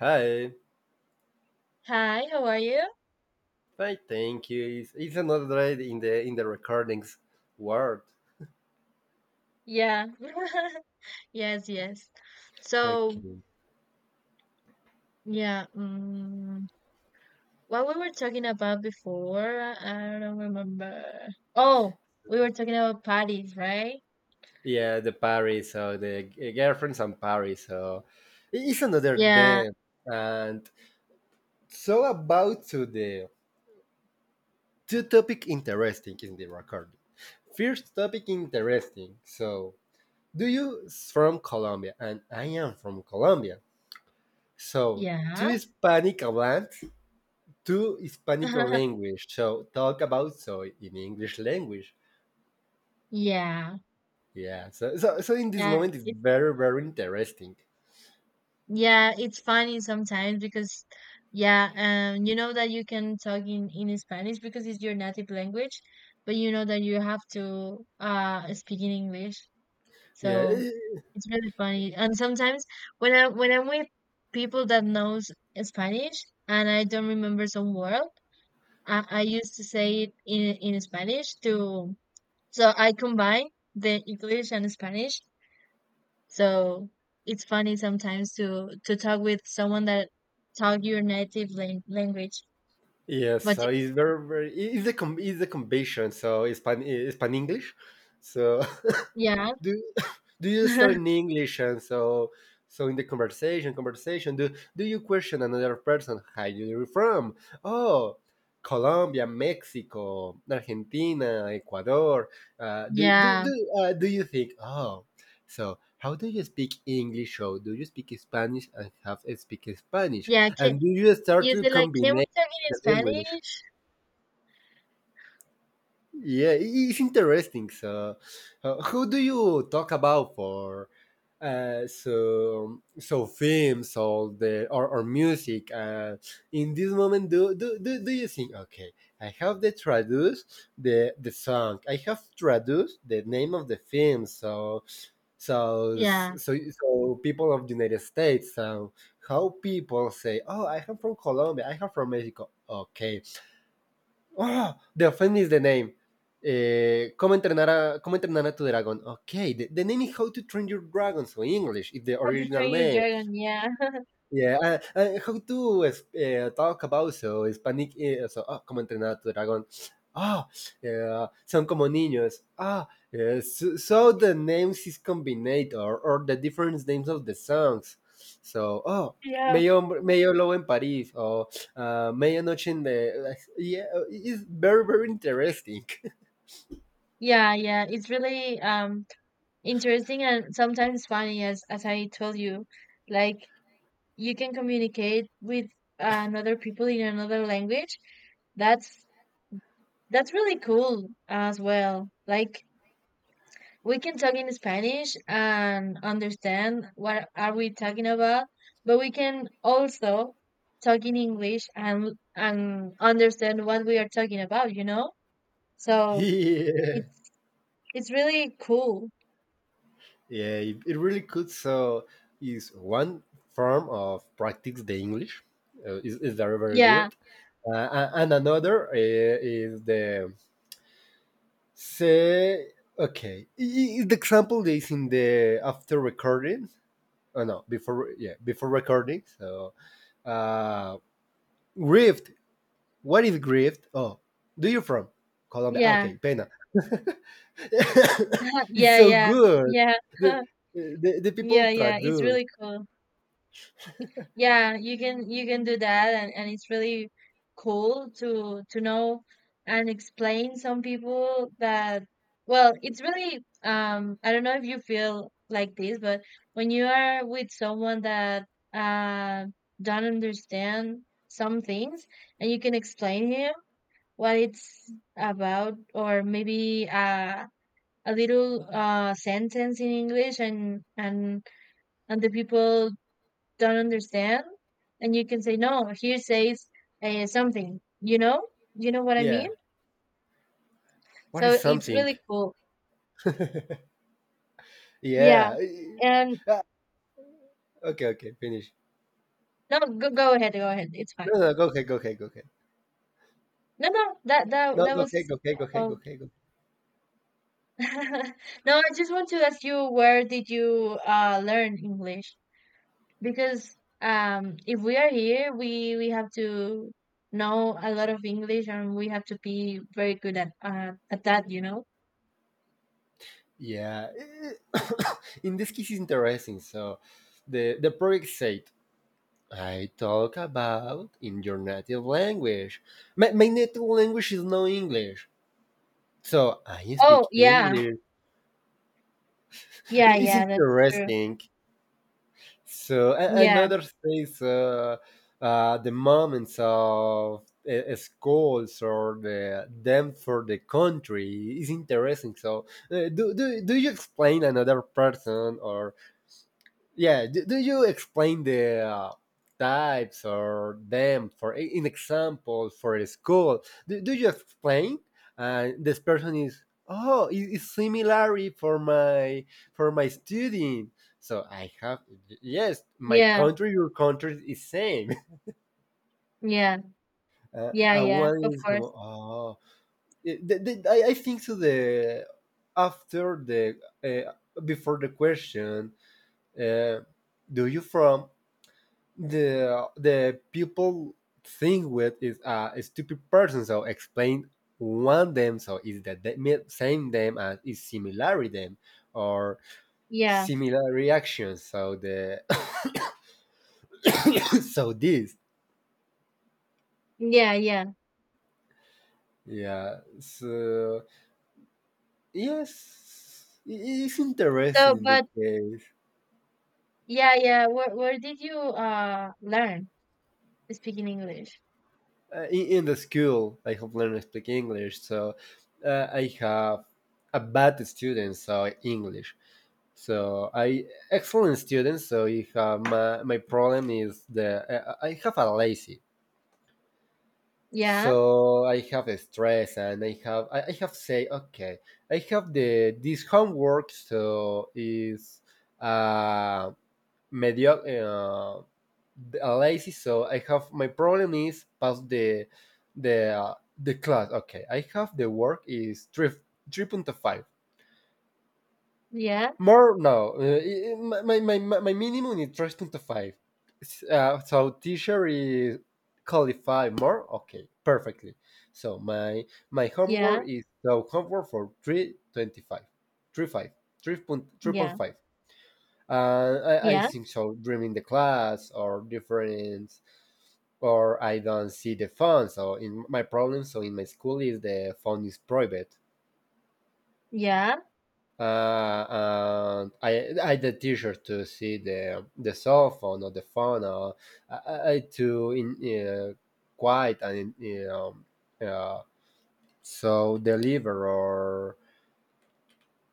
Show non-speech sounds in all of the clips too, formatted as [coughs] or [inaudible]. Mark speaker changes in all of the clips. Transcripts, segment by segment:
Speaker 1: Hi,
Speaker 2: Hi, how are you?
Speaker 1: I thank you. It's another day in the recordings world.
Speaker 2: Yeah. [laughs] Yes, yes. So,
Speaker 1: Okay.
Speaker 2: yeah, um, what we were talking about before, I don't remember. Oh, we were talking about parties, right?
Speaker 1: Yeah, the Paris, so the girlfriends and Paris, so it's another
Speaker 2: Yeah,
Speaker 1: day. And so about to the two topic interesting in the recording. First topic interesting. So do you from Colombia and I am from Colombia. So two
Speaker 2: yeah.
Speaker 1: Hispanic hablantes two Hispanic
Speaker 2: [laughs]
Speaker 1: language. So talk about soy in English language.
Speaker 2: Yeah.
Speaker 1: Yeah. So so in this
Speaker 2: That
Speaker 1: moment it's
Speaker 2: it,
Speaker 1: very very interesting.
Speaker 2: yeah, it's funny sometimes because yeah, you know that you can talk in Spanish because it's your native language, but you know that you have to speak in English.
Speaker 1: Yeah.
Speaker 2: So it's really funny. And sometimes when I'm with people that knows Spanish and I don't remember some word, I used to say it in Spanish to so I combine the English and Spanish. So it's funny sometimes to talk with someone that talk your native language.
Speaker 1: Yeah.
Speaker 2: But
Speaker 1: So it's very very. It's the com- it's the combination. So Hispan English. So.
Speaker 2: yeah,
Speaker 1: [laughs] do [laughs] do you start
Speaker 2: [laughs]
Speaker 1: in English and so in the conversation do you question another person how you from oh Colombia Mexico Argentina Ecuador uh, do do
Speaker 2: yeah,
Speaker 1: do do you think oh so how do you speak English or do you speak Spanish and have speak Spanish
Speaker 2: yeah. Can
Speaker 1: and do you start
Speaker 2: you
Speaker 1: to
Speaker 2: say like, can we
Speaker 1: combine
Speaker 2: talk in
Speaker 1: the language
Speaker 2: Spanish?
Speaker 1: yeah, it's interesting. So, who do you talk about for so films or or music? In this moment, do you think? Okay, I have the traduce the song. I have traduced the name of the film. So so
Speaker 2: Yeah.
Speaker 1: people of the United States. So how people say, oh, I am from Colombia. I am from Mexico. Okay, oh, the offense is the name. Eh, ¿cómo, entrenar a, ¿Cómo entrenar a tu dragón? Okay, the name is How to Train Your Dragon, so in English, it's the
Speaker 2: How to
Speaker 1: original
Speaker 2: train your
Speaker 1: name.
Speaker 2: dragon? Yeah. [laughs]
Speaker 1: Yeah, how to talk about so Hispanic so como entrenar a tu dragón. Ah, son como niños. So the names is combined or, the different names of the songs. So, oh,
Speaker 2: Yeah.
Speaker 1: medio hombre- medio lobo en París o medianoche en the yeah, it's very very interesting.
Speaker 2: Yeah, yeah, it's really interesting and sometimes funny as I told you. Like you can communicate with another people in another language. That's that's really cool as well. Like we can talk in Spanish and understand what are we talking about, but we can also talk in English and understand what we are talking about, you know?
Speaker 1: [laughs]
Speaker 2: So
Speaker 1: yeah.
Speaker 2: it's it's really cool.
Speaker 1: Yeah, it really could. So, is one form of practice the English is very very
Speaker 2: Yeah,
Speaker 1: good, and another is the say okay. The example is in the after recording. Oh no, before yeah before recording. So, uh, grieved. What is grieved? Oh, do you from Colombia? Ah,
Speaker 2: yeah.
Speaker 1: okay, pena. [laughs]
Speaker 2: Yeah,
Speaker 1: it's
Speaker 2: yeah,
Speaker 1: so good.
Speaker 2: yeah,
Speaker 1: The,
Speaker 2: [laughs]
Speaker 1: the people
Speaker 2: yeah, yeah. It's
Speaker 1: traduce.
Speaker 2: really cool. Yeah, you can do that, and it's really cool to know and explain some people that. Well, it's really. I don't know if you feel like this, but when you are with someone that uh don't understand some things, and you can explain him what it's about, or maybe a little sentence in English and the people don't understand and you can say no here says something, you know what I mean,
Speaker 1: Yeah. What is
Speaker 2: so it's
Speaker 1: something?
Speaker 2: really cool. Yeah.
Speaker 1: Yeah.
Speaker 2: And
Speaker 1: Ah, okay, okay, finish.
Speaker 2: no, go go ahead, it's fine.
Speaker 1: No, no, go ahead, go ahead, go ahead.
Speaker 2: no no that that
Speaker 1: No,
Speaker 2: that
Speaker 1: go ahead,
Speaker 2: was
Speaker 1: go ahead, go ahead, go
Speaker 2: oh
Speaker 1: ahead, go ahead.
Speaker 2: [laughs] no, I just want to ask you, where did you learn English? Because if we are here, we have to know a lot of English, and we have to be very good at that, you know?
Speaker 1: Yeah. [coughs] In this case, it's interesting. So the project said, I talk about in your native language. My native language is no English. So I
Speaker 2: Oh
Speaker 1: speak
Speaker 2: yeah,
Speaker 1: English.
Speaker 2: yeah,
Speaker 1: It's
Speaker 2: yeah, that's true.
Speaker 1: interesting. So
Speaker 2: Yeah,
Speaker 1: another says the moments of schools or the them for the country is interesting. So do you explain another person or yeah do you explain the types or them for in example for a school do you explain and this person is oh it's similarity for my student so I have yes my
Speaker 2: yeah,
Speaker 1: country your country is same
Speaker 2: yeah,
Speaker 1: [laughs]
Speaker 2: yeah,
Speaker 1: and
Speaker 2: yeah,
Speaker 1: one
Speaker 2: of
Speaker 1: is
Speaker 2: course,
Speaker 1: como, oh I think so the after the uh, before the question uh, do you from the people think with is a stupid person so explain one them so is that the same them as is similarity them or
Speaker 2: yeah,
Speaker 1: similar reactions so the [coughs] so this
Speaker 2: yeah, yeah.
Speaker 1: yeah so yes it's
Speaker 2: So
Speaker 1: interesting in the
Speaker 2: but
Speaker 1: case
Speaker 2: yeah, yeah, where did you learn speaking English?
Speaker 1: in the school I have learned to speak english so I have a bad student so english. So I excellent student. So I have my problem is the I have a lazy.
Speaker 2: Yeah,
Speaker 1: So I have a stress and I have say okay I have the this homework so is uh mediocre a lazy so I have my problem is pass the the uh, the class okay I have the work is 3.5.
Speaker 2: yeah,
Speaker 1: More no, minimum is 3.5. So teacher is qualify more. Okay, perfectly. So my
Speaker 2: yeah,
Speaker 1: homework is so homework for 3.25, 3.5, three point
Speaker 2: yeah,
Speaker 1: five. I
Speaker 2: yeah,
Speaker 1: think so. During the class or different or I don't see the phone. So in my problem, so in my school is the phone is private.
Speaker 2: yeah,
Speaker 1: And I had the teacher to see the cell phone or the phone or I to in quiet and you know uh, so deliver or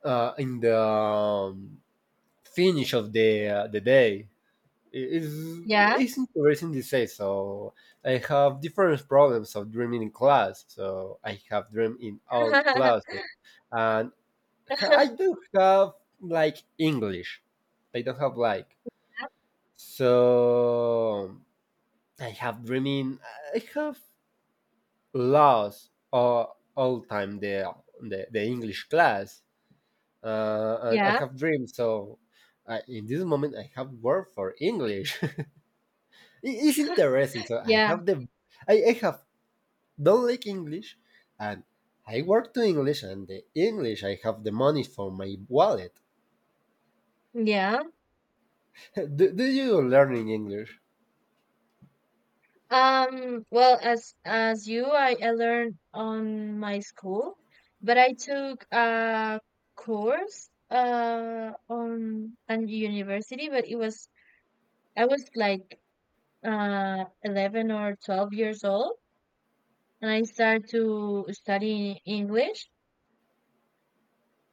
Speaker 1: in the finish of the day is
Speaker 2: yeah,
Speaker 1: it's interesting to say so I have different problems of dreaming in class so I have dream in all
Speaker 2: [laughs]
Speaker 1: classes and I do have like English. I don't have like so. I have dreaming. I have lost all time the English class, and I
Speaker 2: yeah,
Speaker 1: have dreams. So I, in this moment, I have word for English. [laughs] it's interesting. So I
Speaker 2: yeah,
Speaker 1: have the I have don't like English, and I work to English, and the English I have the money for my wallet.
Speaker 2: yeah.
Speaker 1: [laughs] do you learn in English?
Speaker 2: Well, as you, I learned on my school, but I took a course on an university, but it was I was like 11 or 12 years old, and I started to study English.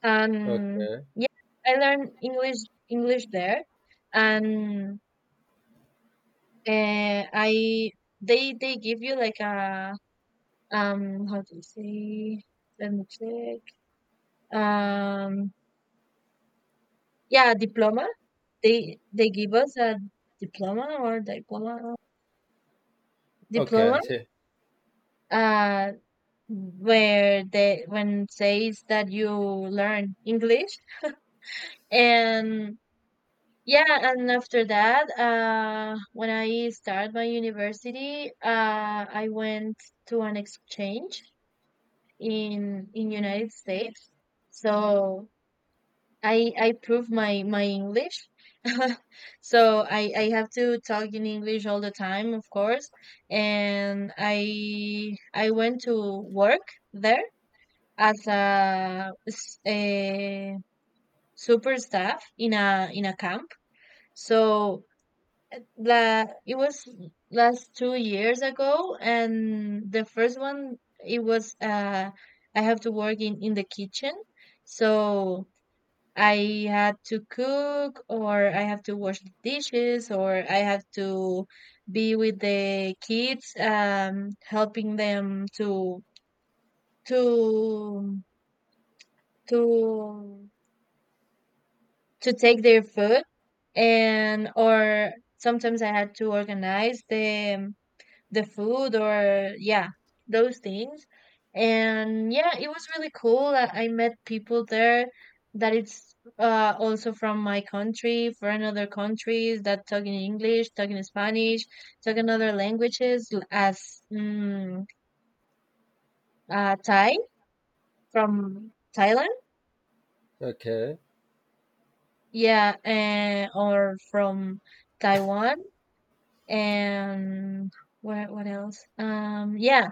Speaker 2: And
Speaker 1: Okay.
Speaker 2: yeah, I learned English there, and I they give you like a how do you say? Let me check. Um, yeah, diploma. They give us a diploma or
Speaker 1: Okay. I
Speaker 2: diploma.
Speaker 1: see.
Speaker 2: Uh, where they when it says that you learn English. And yeah, and after that, when I started my university, I went to an exchange in United States. So I prove my my English. [laughs] So I have to talk in English all the time, of course. And I went to work there as a super staff in a camp. So la it was last 2 years ago, and the first one it was I have to work in the kitchen. So I had to cook, or I have to wash the dishes, or I have to be with the kids, helping them to to to take their food, and or sometimes I had to organize the food or yeah, those things. And yeah, it was really cool. I met people there that it's also from my country, from other countries that talk in English, talk in Spanish, talk in other languages as mm, Thai from Thailand,
Speaker 1: Okay.
Speaker 2: yeah, and or from Taiwan. And what else? Yeah,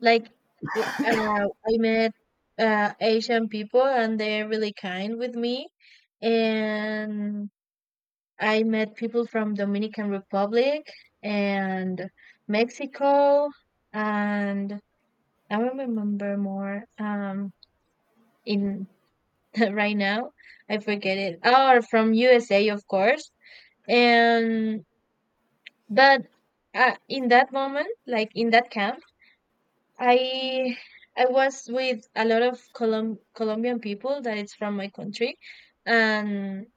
Speaker 2: like I met Asian people, and they're really kind with me. And I met people from Dominican Republic and Mexico, and I don't remember more. In [laughs] right now, I forget it. Oh, from USA, of course. And but in that moment, like in that camp. I I was with a lot of Colombian people that it's from my country, and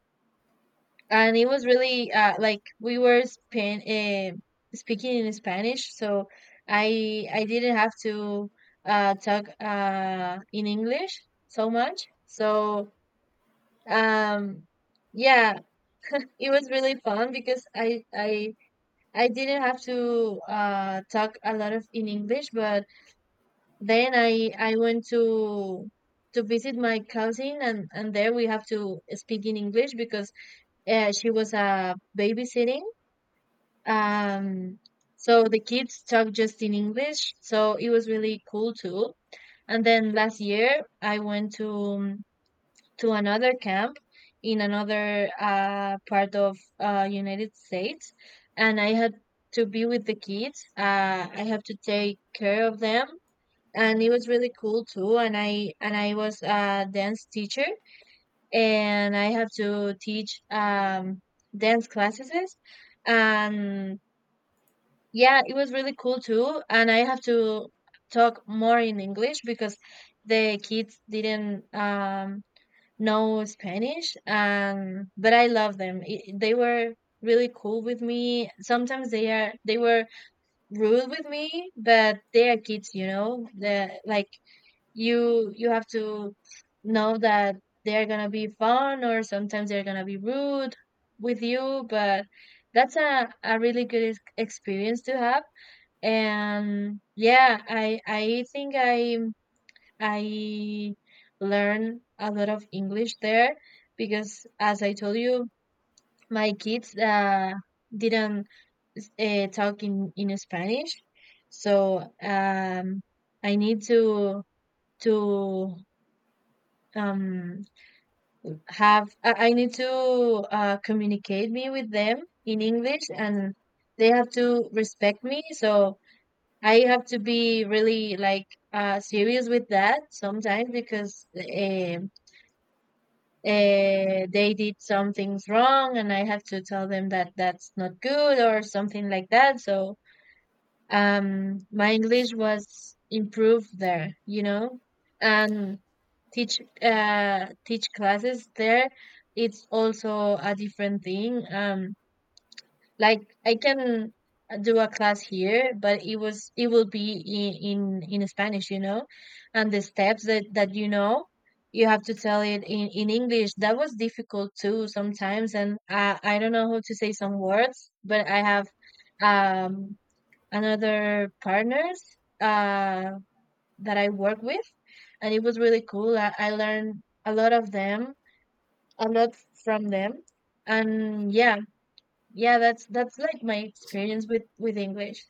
Speaker 2: and it was really like we were span speaking in Spanish, so I didn't have to talk in English so much. So um, yeah, it was really fun because I didn't have to talk a lot of in English, but then I went to visit my cousin, and there we have to speak in English because she was babysitting. Um, so the kids talk just in English, so it was really cool too. And then last year I went to another camp in another part of United States, and I had to be with the kids. I have to take care of them, and it was really cool too, and I and I was a dance teacher, and I have to teach dance classes. And yeah, it was really cool too, and I have to talk more in English because the kids didn't know Spanish, and but I love them, it, they were really cool with me. Sometimes they are they were rude with me, but they are kids, you know. The like you have to know that they're gonna be fun, or sometimes they're gonna be rude with you, but that's a really good experience to have. And yeah, I think I learned a lot of English there, because as I told you, my kids didn't talk in Spanish. So i need to to um I need to communicate me with them in English, and they have to respect me. So I have to be really like serious with that sometimes, because they did some things wrong, and I have to tell them that that's not good, or something like that. So my English was improved there, you know, and teach classes there. It's also a different thing. Like I can do a class here, but it was it will be in in Spanish, you know, and the steps that you know. You have to tell it in English. That was difficult too sometimes, and I don't know how to say some words, but I have um another partners uh, that I work with, and it was really cool. I learned a lot of them, a lot from them, and yeah, yeah, that's like my experience with English.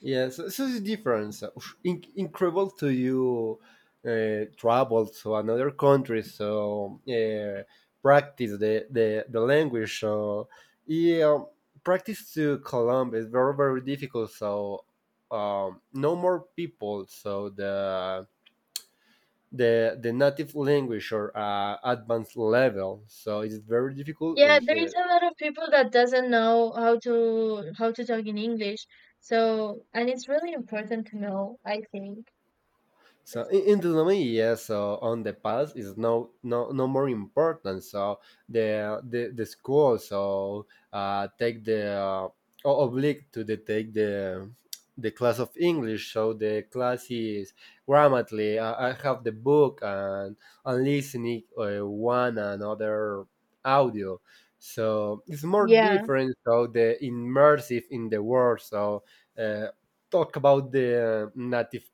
Speaker 1: Yes. This is difference. Incredible to you travel to another country, so practice the language. So yeah, practice to Colombia is very very difficult. So no more people. So the native language or advanced level. So it's very difficult
Speaker 2: Yeah,
Speaker 1: in
Speaker 2: there is a lot of people that doesn't know how to talk in English, so and it's really important to know, I think.
Speaker 1: So in the domain, yes. So on the past is no more important. So the school so take the obliged to the take the class of English. So the class is grammatically. I have the book and listening one another audio. So it's more
Speaker 2: Yeah,
Speaker 1: different. So the immersive in the world. So uh, talk about the native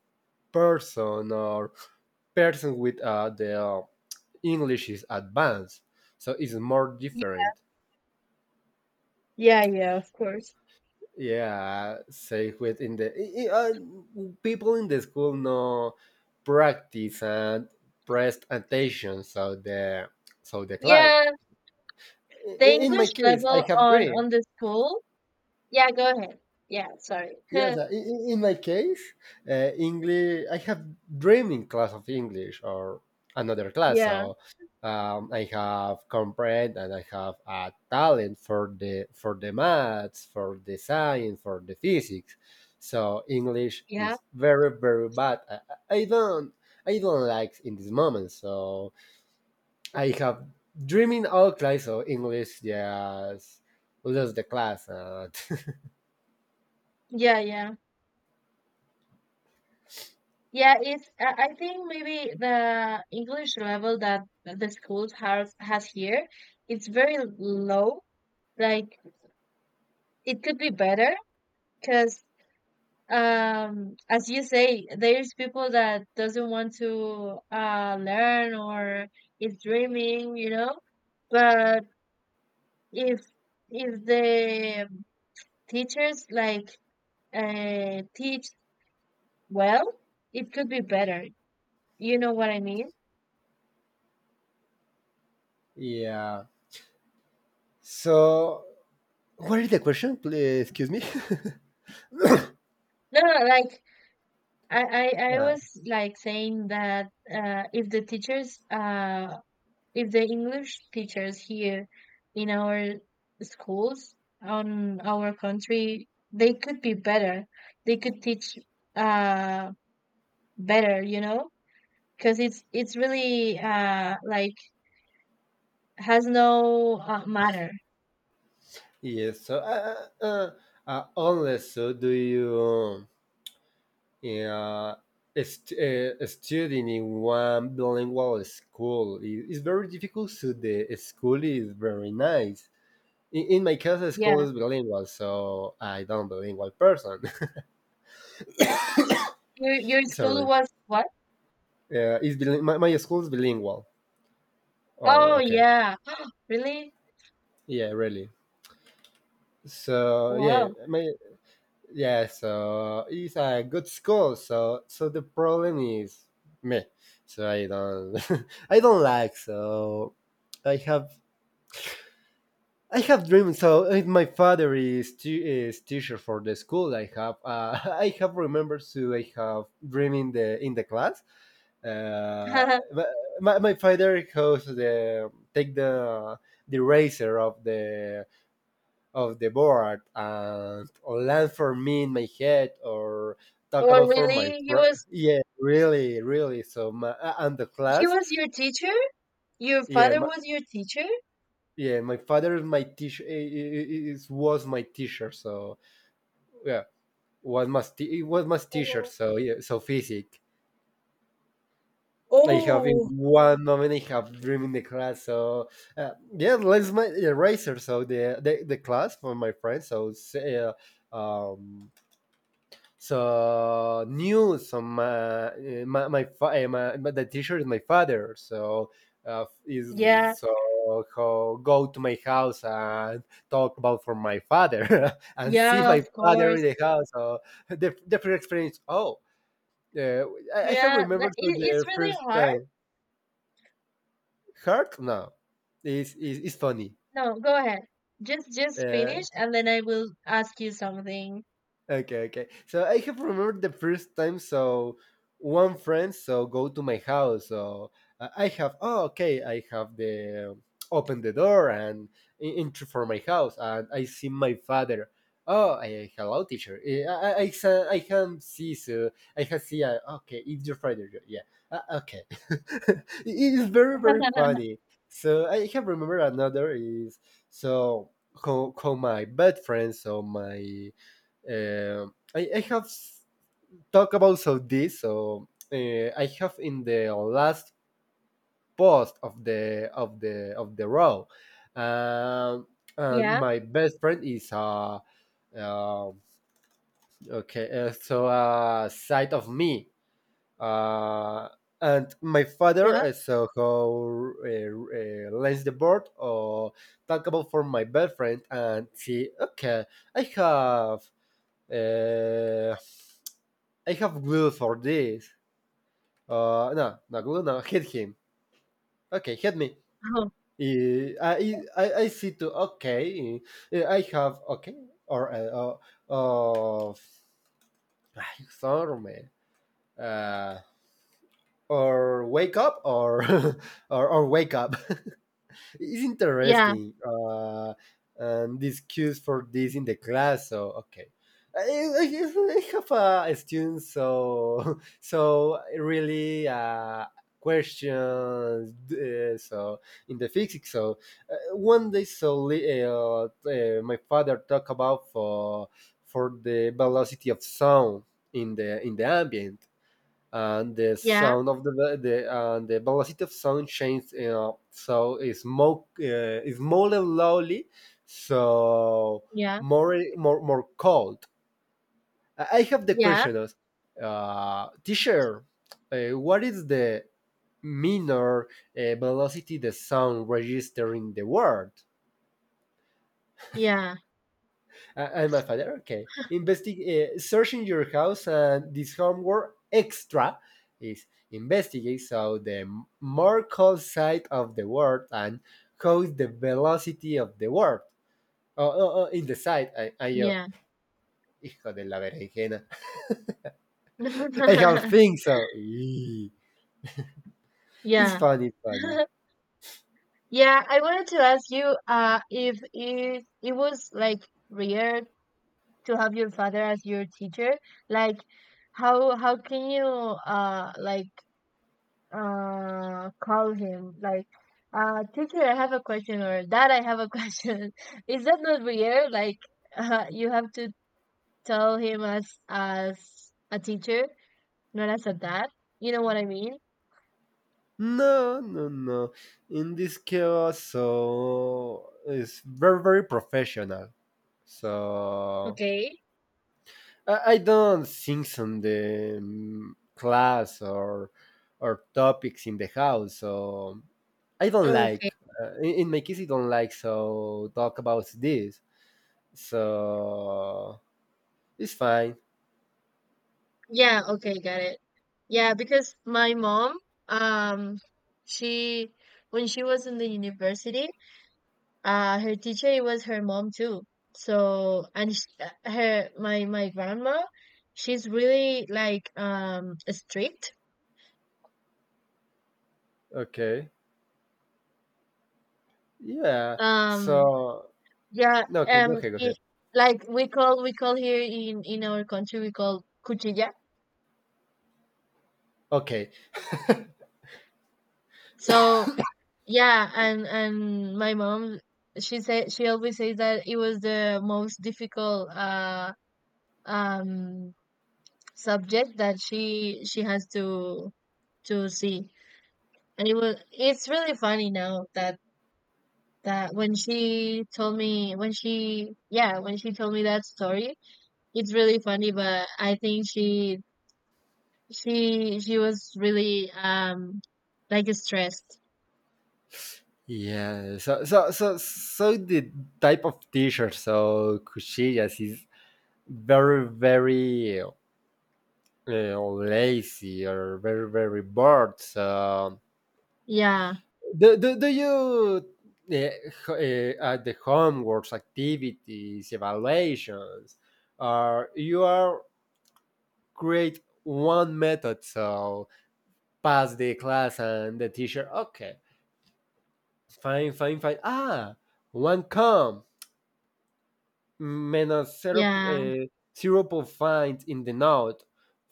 Speaker 1: person or person with their English is advanced, so it's more different.
Speaker 2: yeah, yeah, of course.
Speaker 1: Yeah, say within the people in the school know practice and prest attention, so the class.
Speaker 2: Yeah,
Speaker 1: I-
Speaker 2: the
Speaker 1: In my
Speaker 2: English
Speaker 1: case, I
Speaker 2: level
Speaker 1: have dream.
Speaker 2: on the school. Yeah, go ahead. Yeah, sorry. [laughs]
Speaker 1: Yes, in my case, English. I have dreaming class of English or another class,
Speaker 2: Yeah.
Speaker 1: so I have comprehend and I have a talent for the maths, for the science, for the physics. So English
Speaker 2: Yeah,
Speaker 1: is very very bad. I I don't I don't like in this moment. So I have dreaming all class, so English just lose the class. And
Speaker 2: yeah, yeah. Yeah, it's I think maybe the English level that the schools has here, it's very low. Like it could be better because as you say, there's people that doesn't want to learn or is dreaming, you know. But if the teachers like teach. Well, it could be better. You know what I mean?
Speaker 1: [laughs] yeah. So what is the question? Please, excuse me.
Speaker 2: No, no, like
Speaker 1: [laughs]
Speaker 2: I
Speaker 1: uh,
Speaker 2: was like saying that if the teachers, if the English teachers here in our schools on our country, they could be better. They could teach uh, better, you know, because it's really like has no matter.
Speaker 1: yes. So, unless so, do you uh, studying in one bilingual school? It's very difficult. So the school is very nice. In my case, the school
Speaker 2: Yeah,
Speaker 1: is bilingual, so I don't bilingual person. [laughs]
Speaker 2: your school
Speaker 1: Sorry.
Speaker 2: was what?
Speaker 1: Yeah, is my school is bilingual. Or
Speaker 2: Oh
Speaker 1: okay,
Speaker 2: yeah, [gasps] really?
Speaker 1: yeah, really. So yeah,
Speaker 2: Wow.
Speaker 1: my yeah so it's a good school so the problem is me so I don't [laughs] I don't like so i have I have dreams so my father is is teacher for the school I have [laughs] I have remembered to I have dream in the class uh
Speaker 2: [laughs]
Speaker 1: but my father goes the take the razor of the board and or land for me in my head or talk
Speaker 2: Well,
Speaker 1: about for my
Speaker 2: really,
Speaker 1: yeah really really so my and the
Speaker 2: he
Speaker 1: class
Speaker 2: was your teacher? Your
Speaker 1: yeah
Speaker 2: father was your teacher?
Speaker 1: yeah my father is my teacher is was my teacher so yeah was my was my teacher
Speaker 2: Oh,
Speaker 1: so yeah so physics I have in
Speaker 2: oh,
Speaker 1: one moment I have dream in the class so yeah let's my eraser so the class for my friends so say, um so knew some my but the teacher is my father so is
Speaker 2: yeah,
Speaker 1: so go to my house and talk about for my father [laughs] and see
Speaker 2: yeah,
Speaker 1: my
Speaker 2: of
Speaker 1: father in
Speaker 2: course.
Speaker 1: the house so the first experience oh uh, I have
Speaker 2: Yeah,
Speaker 1: remembered for the
Speaker 2: it's really
Speaker 1: first
Speaker 2: hard.
Speaker 1: time hurt no. It's is funny
Speaker 2: No, go ahead. Just finish,
Speaker 1: uh,
Speaker 2: and then I will ask you something.
Speaker 1: okay, okay. So I have remembered the first time. So one friend so go to my house. So I have oh okay. I have the open the door and enter for my house, and I see my father. Oh, I, hello, teacher. I can see so I can see. Okay, it's your father. Yeah. Yeah, okay. [laughs] it is very very funny. So I can remember another is so how my bad friend so my uh, I have talked about so this. So I have in the last post of the row. Um, and
Speaker 2: Yeah,
Speaker 1: my best friend is uh okay, so side of me uh and my father,
Speaker 2: yeah,
Speaker 1: so how lends the board or talk about for my best friend and see okay I have uh, I have glue for this. No, no glue, no. Hit him. Okay, hit me.
Speaker 2: oh,
Speaker 1: I see to, okay, eh, I have, okay, or, uh, uh [sighs] ay, sorry, man. Uh, or wake up, or, [laughs] or wake up. It's
Speaker 2: yeah,
Speaker 1: interesting. And this cues for this in the class. So okay, I, I, I have a student, so [laughs] so really questions. So in the physics, so one day, so my father talked about for the velocity of sound in the ambient and the
Speaker 2: yeah,
Speaker 1: sound of the velocity of sound changed. You know, so it's more slowly, so
Speaker 2: yeah,
Speaker 1: more more more cold. I have the
Speaker 2: yeah,
Speaker 1: question as, teacher, what is the minor velocity the sound register in the world? And my father, okay, investigate, searching your house, and this homework extra is investigate so the Markov side of the world and how is the velocity of the world. Oh, oh, oh in the side, I yo,
Speaker 2: yeah,
Speaker 1: hijo de la berenjena. [laughs] I have
Speaker 2: yeah, [laughs]
Speaker 1: things, so eee. It's
Speaker 2: yeah.
Speaker 1: funny, it's funny.
Speaker 2: [laughs] Yeah, I wanted to ask you if it it was like rare. To have your father as your teacher, like, how can you like call him like, "Teacher, I have a question," or "Dad, I have a question"? [laughs] Is that not weird? Like, you have to tell him as a teacher, not as a dad, you know what I mean?
Speaker 1: No, no, no. In this case, so it's very, very professional. So
Speaker 2: Okay.
Speaker 1: I don't think on the class or topics in the house, so I don't
Speaker 2: Okay.
Speaker 1: like. In my case, I don't like so talk about this. So it's fine.
Speaker 2: Yeah, okay, got it. Yeah, because my mom, um she, when she was in the university, her teacher was her mom too. So and sh her, my grandma, she's really like, strict.
Speaker 1: Okay. Yeah.
Speaker 2: um
Speaker 1: So
Speaker 2: yeah.
Speaker 1: no. Okay. Go ahead. Go ahead.
Speaker 2: Like we call here in our country, we call cuchilla.
Speaker 1: Okay.
Speaker 2: So yeah. And my mom, she said, she always says that it was the most difficult um subject that she has to see. And it's really funny now that, that when she told me, when she, yeah, when she told me that story, it's really funny, but I think she, she was really, like, stressed.
Speaker 1: Yeah. So the type of t-shirt so cuchillas is very very or lazy or very very bored. So,
Speaker 2: Yeah.
Speaker 1: do you uh, ho- at the homeworks, activities, evaluations, or you are create one method so pass the class and the teacher okay fine fine fine ah one come minus zero, zero
Speaker 2: Yeah.
Speaker 1: point 0.5 in the note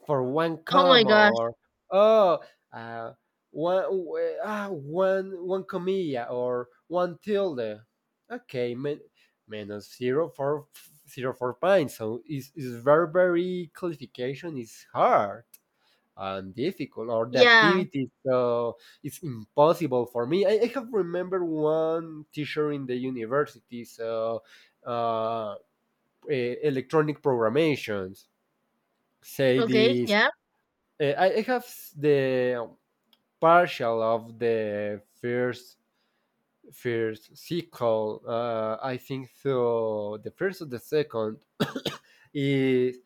Speaker 1: for one
Speaker 2: Oh my
Speaker 1: comma
Speaker 2: gosh.
Speaker 1: or oh uh, one one one comilla or one tilde okay min- minus zero for zero for point. So it's very very clarification is hard and difficult or the
Speaker 2: Yeah.
Speaker 1: activity so it's impossible for me I have remembered one teacher in the university so uh, electronic programations. Say
Speaker 2: Okay.
Speaker 1: this.
Speaker 2: Yeah.
Speaker 1: I have s- the partial of the first first sequel. I think so. The first or the second is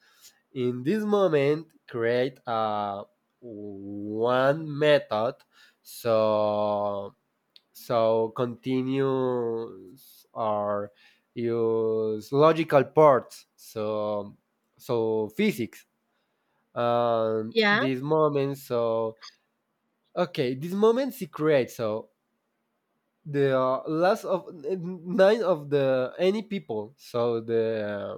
Speaker 1: in this moment create a one method. So continues or use logical parts. So physics and
Speaker 2: Yeah.
Speaker 1: these moments so okay these moments he creates so the last of n- nine of the any people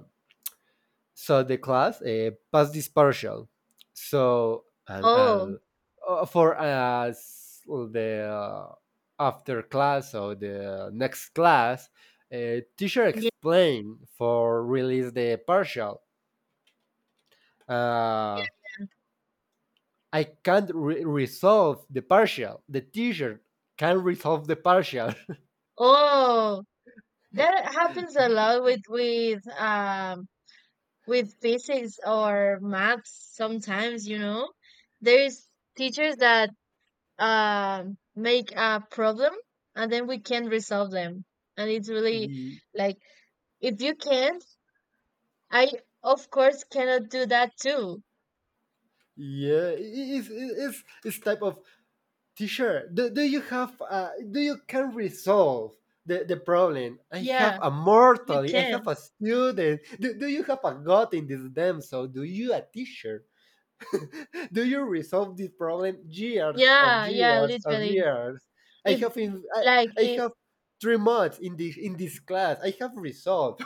Speaker 1: so the class passed this partial so and
Speaker 2: Oh.
Speaker 1: I'll, for us the after class or the next class teacher
Speaker 2: Yeah.
Speaker 1: explain for release the partial. Uh, I can't re- resolve the partial. The teacher can resolve the partial. [laughs]
Speaker 2: Oh. That happens a lot with with physics or maths sometimes, you know. There's teachers that make a problem and then we can resolve them, and it's really
Speaker 1: Y-
Speaker 2: like, if you can, I of course cannot do that too.
Speaker 1: yeah, it's, it's type of teacher. Do you have do you can resolve the problem? I have
Speaker 2: Yeah,
Speaker 1: a mortal.
Speaker 2: you
Speaker 1: I have
Speaker 2: can.
Speaker 1: a student. Do you have a god in this damn? So do you a teacher? Do you resolve this problem years of
Speaker 2: Yeah, yeah,
Speaker 1: years of
Speaker 2: literally.
Speaker 1: years? I
Speaker 2: If
Speaker 1: have in, I,
Speaker 2: like
Speaker 1: I
Speaker 2: it,
Speaker 1: have three months in this class. I have resolved.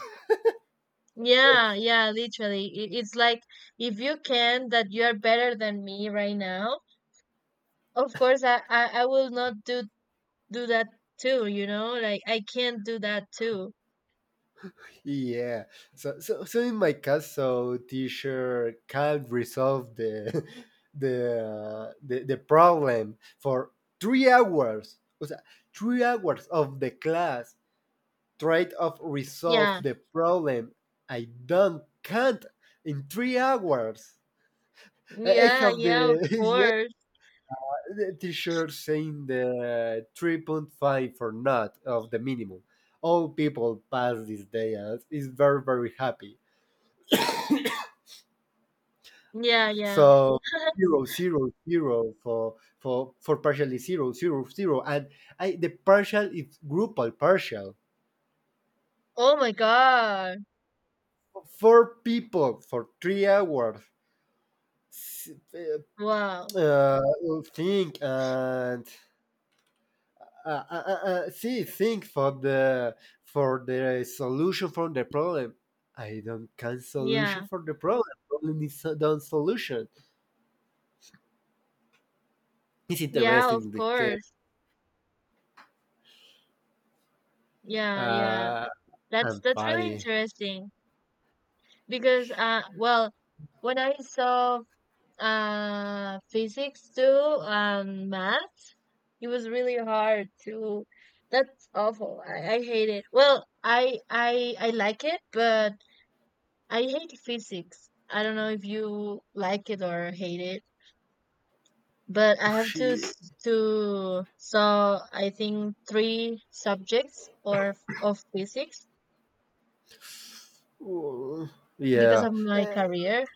Speaker 2: Yeah, yeah, literally, it's like, if you can, that you are better than me right now, of course I will not do do that too, you know, like I can't do that too.
Speaker 1: Yeah. So, so in my case, so teacher can't resolve the [laughs] the the problem for three hours. O sea, three hours of the class tried of resolve
Speaker 2: Yeah,
Speaker 1: the problem. I don't can't in three hours. I
Speaker 2: yeah,
Speaker 1: have the
Speaker 2: yeah, of
Speaker 1: [laughs] yeah
Speaker 2: course.
Speaker 1: the teacher saying the 3.5 for not of the minimum. All people pass this day and is very very happy.
Speaker 2: Yeah, yeah.
Speaker 1: So
Speaker 2: [laughs]
Speaker 1: zero zero zero for partially zero zero zero and I the partial is grupal partial.
Speaker 2: Oh my God.
Speaker 1: Four people for three hours s- uh,
Speaker 2: Wow.
Speaker 1: uh, think and see think for the solution for the problem. I don't can solution
Speaker 2: Yeah.
Speaker 1: for the problem. Problem is done solution. It's
Speaker 2: Yeah, of
Speaker 1: interesting the case.
Speaker 2: course. Yeah, yeah.
Speaker 1: Uh,
Speaker 2: That's
Speaker 1: and
Speaker 2: that's really
Speaker 1: funny.
Speaker 2: interesting because well, when I saw physics too, math, it was really hard to, that's awful. I hate it. Well, I like it, but I hate physics. I don't know if you like it or hate it. But I have to
Speaker 1: She.
Speaker 2: I think three subjects or of physics
Speaker 1: Ooh,
Speaker 2: because
Speaker 1: yeah.
Speaker 2: of my
Speaker 1: Eh,
Speaker 2: career.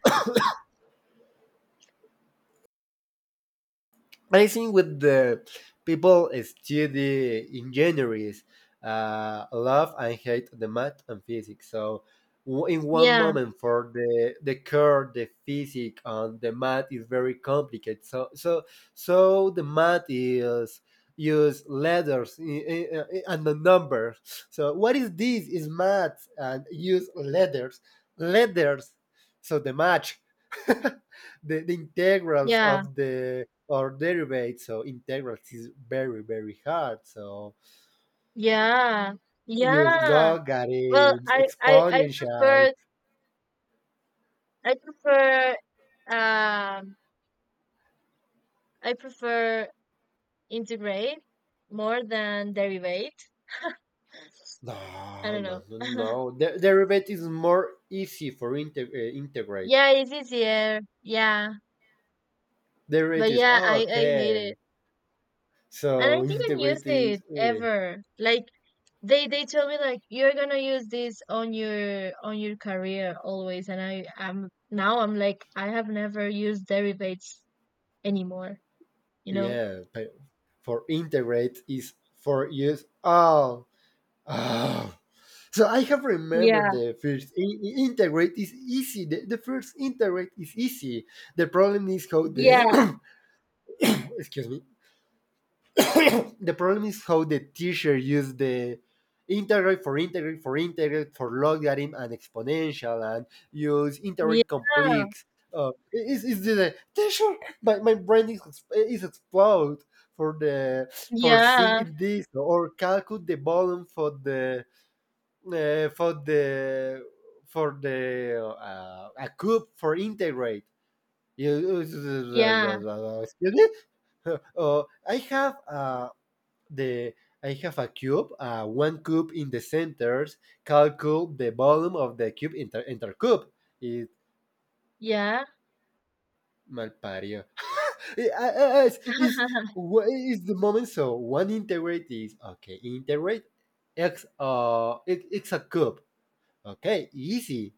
Speaker 1: I think with the people study engineers love and hate the math and physics. So w- in one
Speaker 2: Yeah,
Speaker 1: moment for the curve, the physics and the math is very complicated. So the math is use letters and the numbers. So what is this? Is math and use letters, letters. So the match, [laughs] the, the integrals
Speaker 2: yeah,
Speaker 1: of the or derivate, so integrals is very, very hard. So
Speaker 2: yeah,
Speaker 1: use
Speaker 2: yeah. Well,
Speaker 1: logarithms,
Speaker 2: I
Speaker 1: exponentials.
Speaker 2: prefer, I prefer, um I prefer integrate more than derivate. [laughs] I
Speaker 1: No,
Speaker 2: don't
Speaker 1: no,
Speaker 2: know.
Speaker 1: no,
Speaker 2: [laughs]
Speaker 1: no. De- derivative is more easy for integ- integrate.
Speaker 2: Yeah, it's easier. Yeah, but
Speaker 1: Derivative is
Speaker 2: yeah,
Speaker 1: oh,
Speaker 2: I hate it.
Speaker 1: okay.
Speaker 2: And I
Speaker 1: So
Speaker 2: didn't use
Speaker 1: integrate
Speaker 2: it
Speaker 1: is
Speaker 2: ever. Like, they told me like, you're gonna use this on your career always. And I am, now I'm like, I have never used derivatives anymore. You know?
Speaker 1: yeah. But for integrate is for use. Oh, oh. So I have remembered
Speaker 2: Yeah,
Speaker 1: the first integrate is easy. The first integrate is easy. The problem is how
Speaker 2: yeah,
Speaker 1: the [coughs] excuse me. [coughs] The problem is how the teacher used the integrate for logarithm and exponential and use integrate
Speaker 2: yeah,
Speaker 1: complex. Is the teacher? My brain is ex- is explode for the for
Speaker 2: yeah,
Speaker 1: thinking this or calculate the volume for the for the for the a cube for integrate. You-
Speaker 2: yeah,
Speaker 1: Excuse me. [laughs] I have the I have a cube, one cube in the centers. Calculate the volume of the cube inter cube. It
Speaker 2: yeah,
Speaker 1: malpario. [laughs] It's,
Speaker 2: [laughs]
Speaker 1: wha- it's the moment. So one integrate is okay. Integrate x it, it's a cube. Okay, easy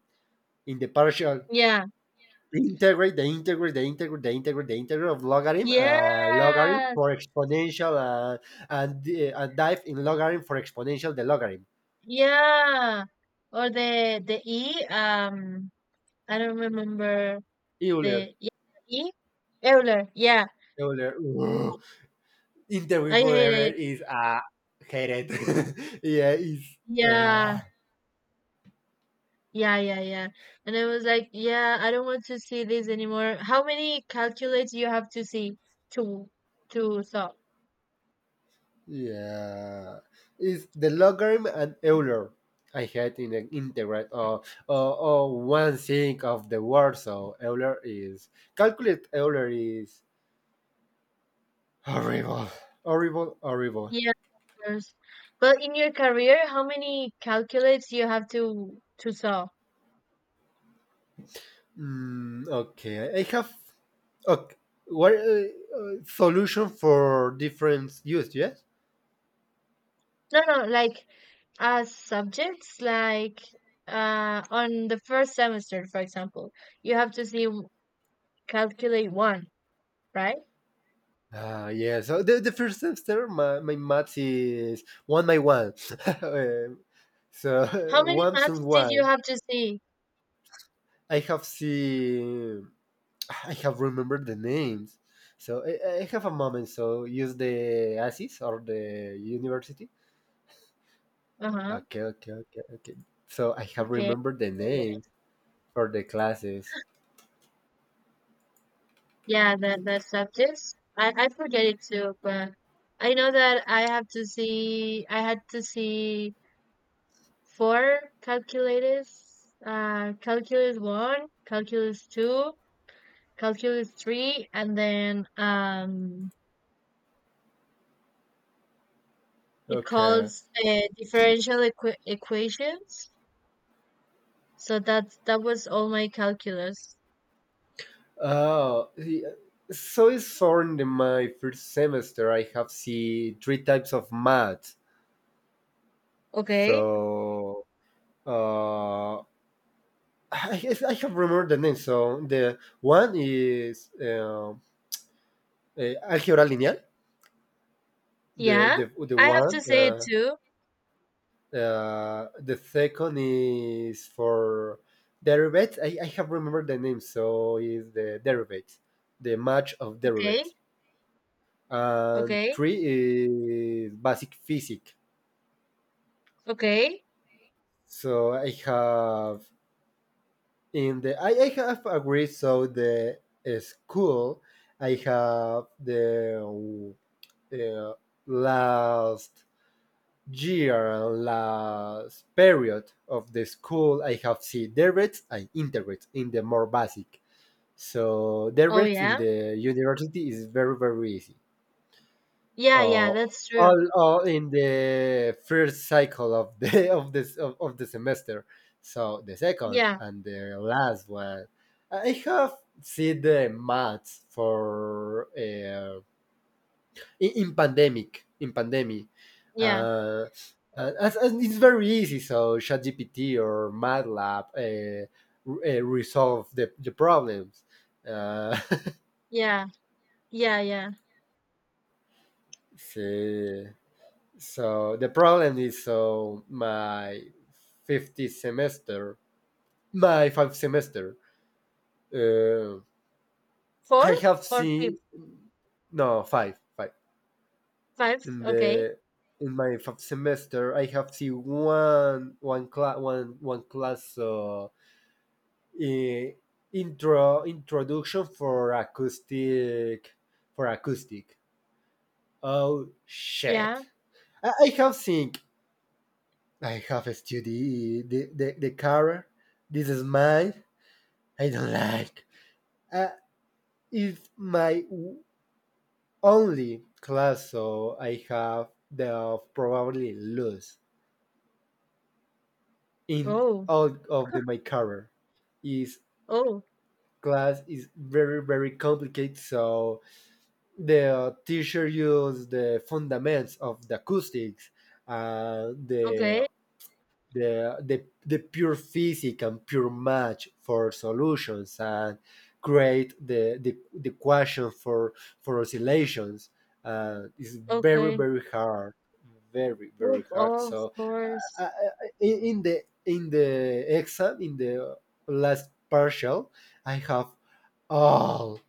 Speaker 1: in the partial
Speaker 2: yeah,
Speaker 1: the integrate of logarithm logarithm
Speaker 2: yes,
Speaker 1: for exponential and dive in logarithm for exponential the logarithm
Speaker 2: yeah. Or the E. I don't remember
Speaker 1: Euler.
Speaker 2: the, yeah, E. Euler. Yeah,
Speaker 1: Ugh. Integral
Speaker 2: I
Speaker 1: for
Speaker 2: hate
Speaker 1: error
Speaker 2: it.
Speaker 1: is hated. [laughs] Yeah is
Speaker 2: Yeah.
Speaker 1: uh,
Speaker 2: Yeah, yeah, yeah. And I was like, "Yeah, I don't want to see this anymore." How many calculates you have to see to to stop?
Speaker 1: yeah is the logarithm and Euler I hate in the integrate or oh, oh, oh, one thing of the word so Euler is calculate Euler is horrible, horrible, horrible.
Speaker 2: Yeah, of course. But in your career, how many calculates you have to solve?
Speaker 1: Mm, okay, I have okay. What solution for different use? Yes.
Speaker 2: No, no, like, as subjects, like, on the first semester, for example, you have to see calculate one, right?
Speaker 1: Ah, yeah. So the first semester, my math is one by one. [laughs] Um,
Speaker 2: How
Speaker 1: so [laughs]
Speaker 2: many
Speaker 1: once and
Speaker 2: maths did you
Speaker 1: one.
Speaker 2: have to see?
Speaker 1: I have seen. I have remembered the names. So I have a moment. So use the ASIS or the university.
Speaker 2: Uh-huh.
Speaker 1: Okay, okay, okay, okay. So I have
Speaker 2: Okay.
Speaker 1: remembered the name for the classes.
Speaker 2: Yeah, the subjects. I forget it too, but I know that I have to see. I had to see four calculus, calculus one, calculus two, calculus three, and then it
Speaker 1: Okay.
Speaker 2: calls differential equations. So that's, that was all my calculus.
Speaker 1: Oh, the- so it's in my first semester. I have see three types of math.
Speaker 2: Okay.
Speaker 1: So uh, I, I have remembered the name. So the one is algebra lineal. The
Speaker 2: Yeah,
Speaker 1: the the
Speaker 2: I have to
Speaker 1: one.
Speaker 2: say it too.
Speaker 1: The second is for derivatives. I have remembered the name. So is the derivatives, the match of
Speaker 2: Okay.
Speaker 1: derivatives. And
Speaker 2: Okay.
Speaker 1: three is basic physics.
Speaker 2: Okay.
Speaker 1: So I have in the I have agreed. So the school I have the uh, last year and last period of the school I have seen derivatives and integrate in the more basic. So
Speaker 2: Oh
Speaker 1: derivatives in
Speaker 2: yeah.
Speaker 1: the university is very very easy.
Speaker 2: Yeah, yeah,
Speaker 1: uh,
Speaker 2: that's true.
Speaker 1: all in the first cycle of the [laughs] of this of the semester. So the second
Speaker 2: Yeah,
Speaker 1: and the last one, I have seen the maths for in pandemic in pandemic.
Speaker 2: yeah,
Speaker 1: Uh, and, as- and it's very easy. So ChatGPT or MATLAB resolve the problems. Uh,
Speaker 2: yeah, yeah, yeah.
Speaker 1: [laughs] sí. So the problem is, so my fifth semester, my five semester, uh, I
Speaker 2: Fourth
Speaker 1: have
Speaker 2: or fifth?
Speaker 1: seen no five, five
Speaker 2: Five.
Speaker 1: in
Speaker 2: Okay.
Speaker 1: the in my fifth semester. I have seen one class i- intro introduction for acoustic for acoustic. Oh
Speaker 2: Yeah.
Speaker 1: shit! I have seen I have studied the car. This is mine. I don't like. Uh, it's my only class, so I have the probably lose in
Speaker 2: Oh,
Speaker 1: all of my career. Is
Speaker 2: oh,
Speaker 1: class is very very complicated, so the teacher use the fundamentals of the acoustics, uh, the
Speaker 2: okay,
Speaker 1: the pure physics and pure match for solutions and create the equation for oscillations is
Speaker 2: okay.
Speaker 1: very very
Speaker 2: Oof,
Speaker 1: hard
Speaker 2: oh, of
Speaker 1: so uh,
Speaker 2: course.
Speaker 1: uh, in the exam in the last partial I have all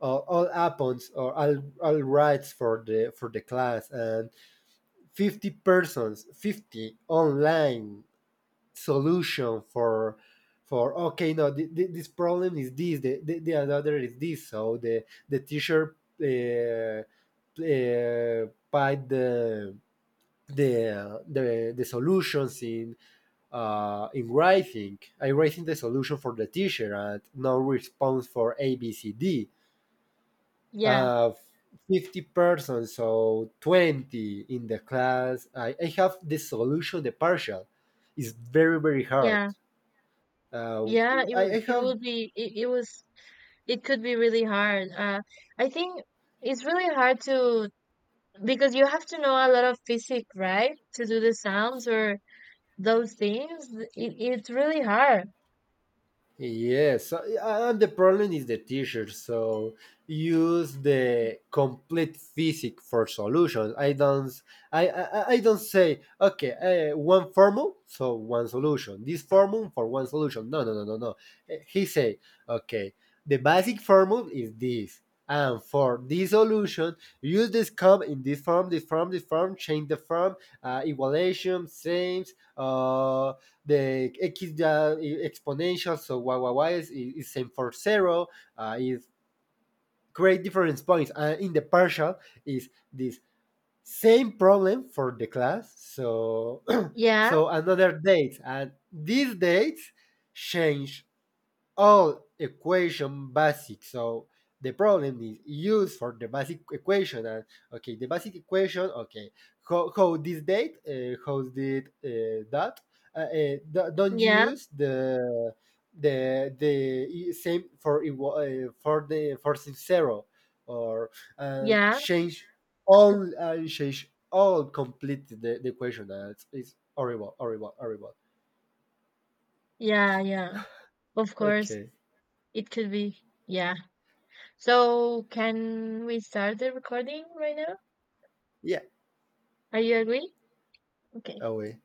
Speaker 1: all appons or all rights for the class and 50 persons 50 online solution for okay no th- th- this problem is this the another is this so the teacher uh, put the the solutions in writing I writing the solution for the teacher and no response for a b c d
Speaker 2: Yeah,
Speaker 1: uh 50 persons so 20 in the class I have the solution the partial it's very very hard
Speaker 2: yeah,
Speaker 1: uh,
Speaker 2: yeah.
Speaker 1: I
Speaker 2: It
Speaker 1: have
Speaker 2: would be, it was, it could be really hard. I think it's really hard to, because you have to know a lot of physics, right? To do the sounds or those things. It, it's really hard.
Speaker 1: yes, and the problem is the teacher. So use the complete physics for solutions. I don't, I don't say okay, one formula, so one solution. This formula for one solution. No, no, no, no, no. Eh, he say okay, the basic formula is this. And for this solution, use this com in this form, this form, this form, change the form, evaluation. Same, uh. The X ya- exponential, so y is same for zero, is great difference points. And in the partial is this same problem for the class. So [clears throat]
Speaker 2: Yeah,
Speaker 1: so another date and these dates change all equation basic. So the problem is used for the basic equation. And okay, the basic equation. Okay, how this date? How did that? Do- don't
Speaker 2: yeah,
Speaker 1: use the the e, same for equa- for the for zero or uh,
Speaker 2: yeah,
Speaker 1: change change all complete the equation. That's it's horrible, horrible, horrible.
Speaker 2: yeah, yeah. Of course.
Speaker 1: Okay,
Speaker 2: It could be. Yeah. So can we start the recording right now?
Speaker 1: yeah,
Speaker 2: Are you agree? Okay.
Speaker 1: away.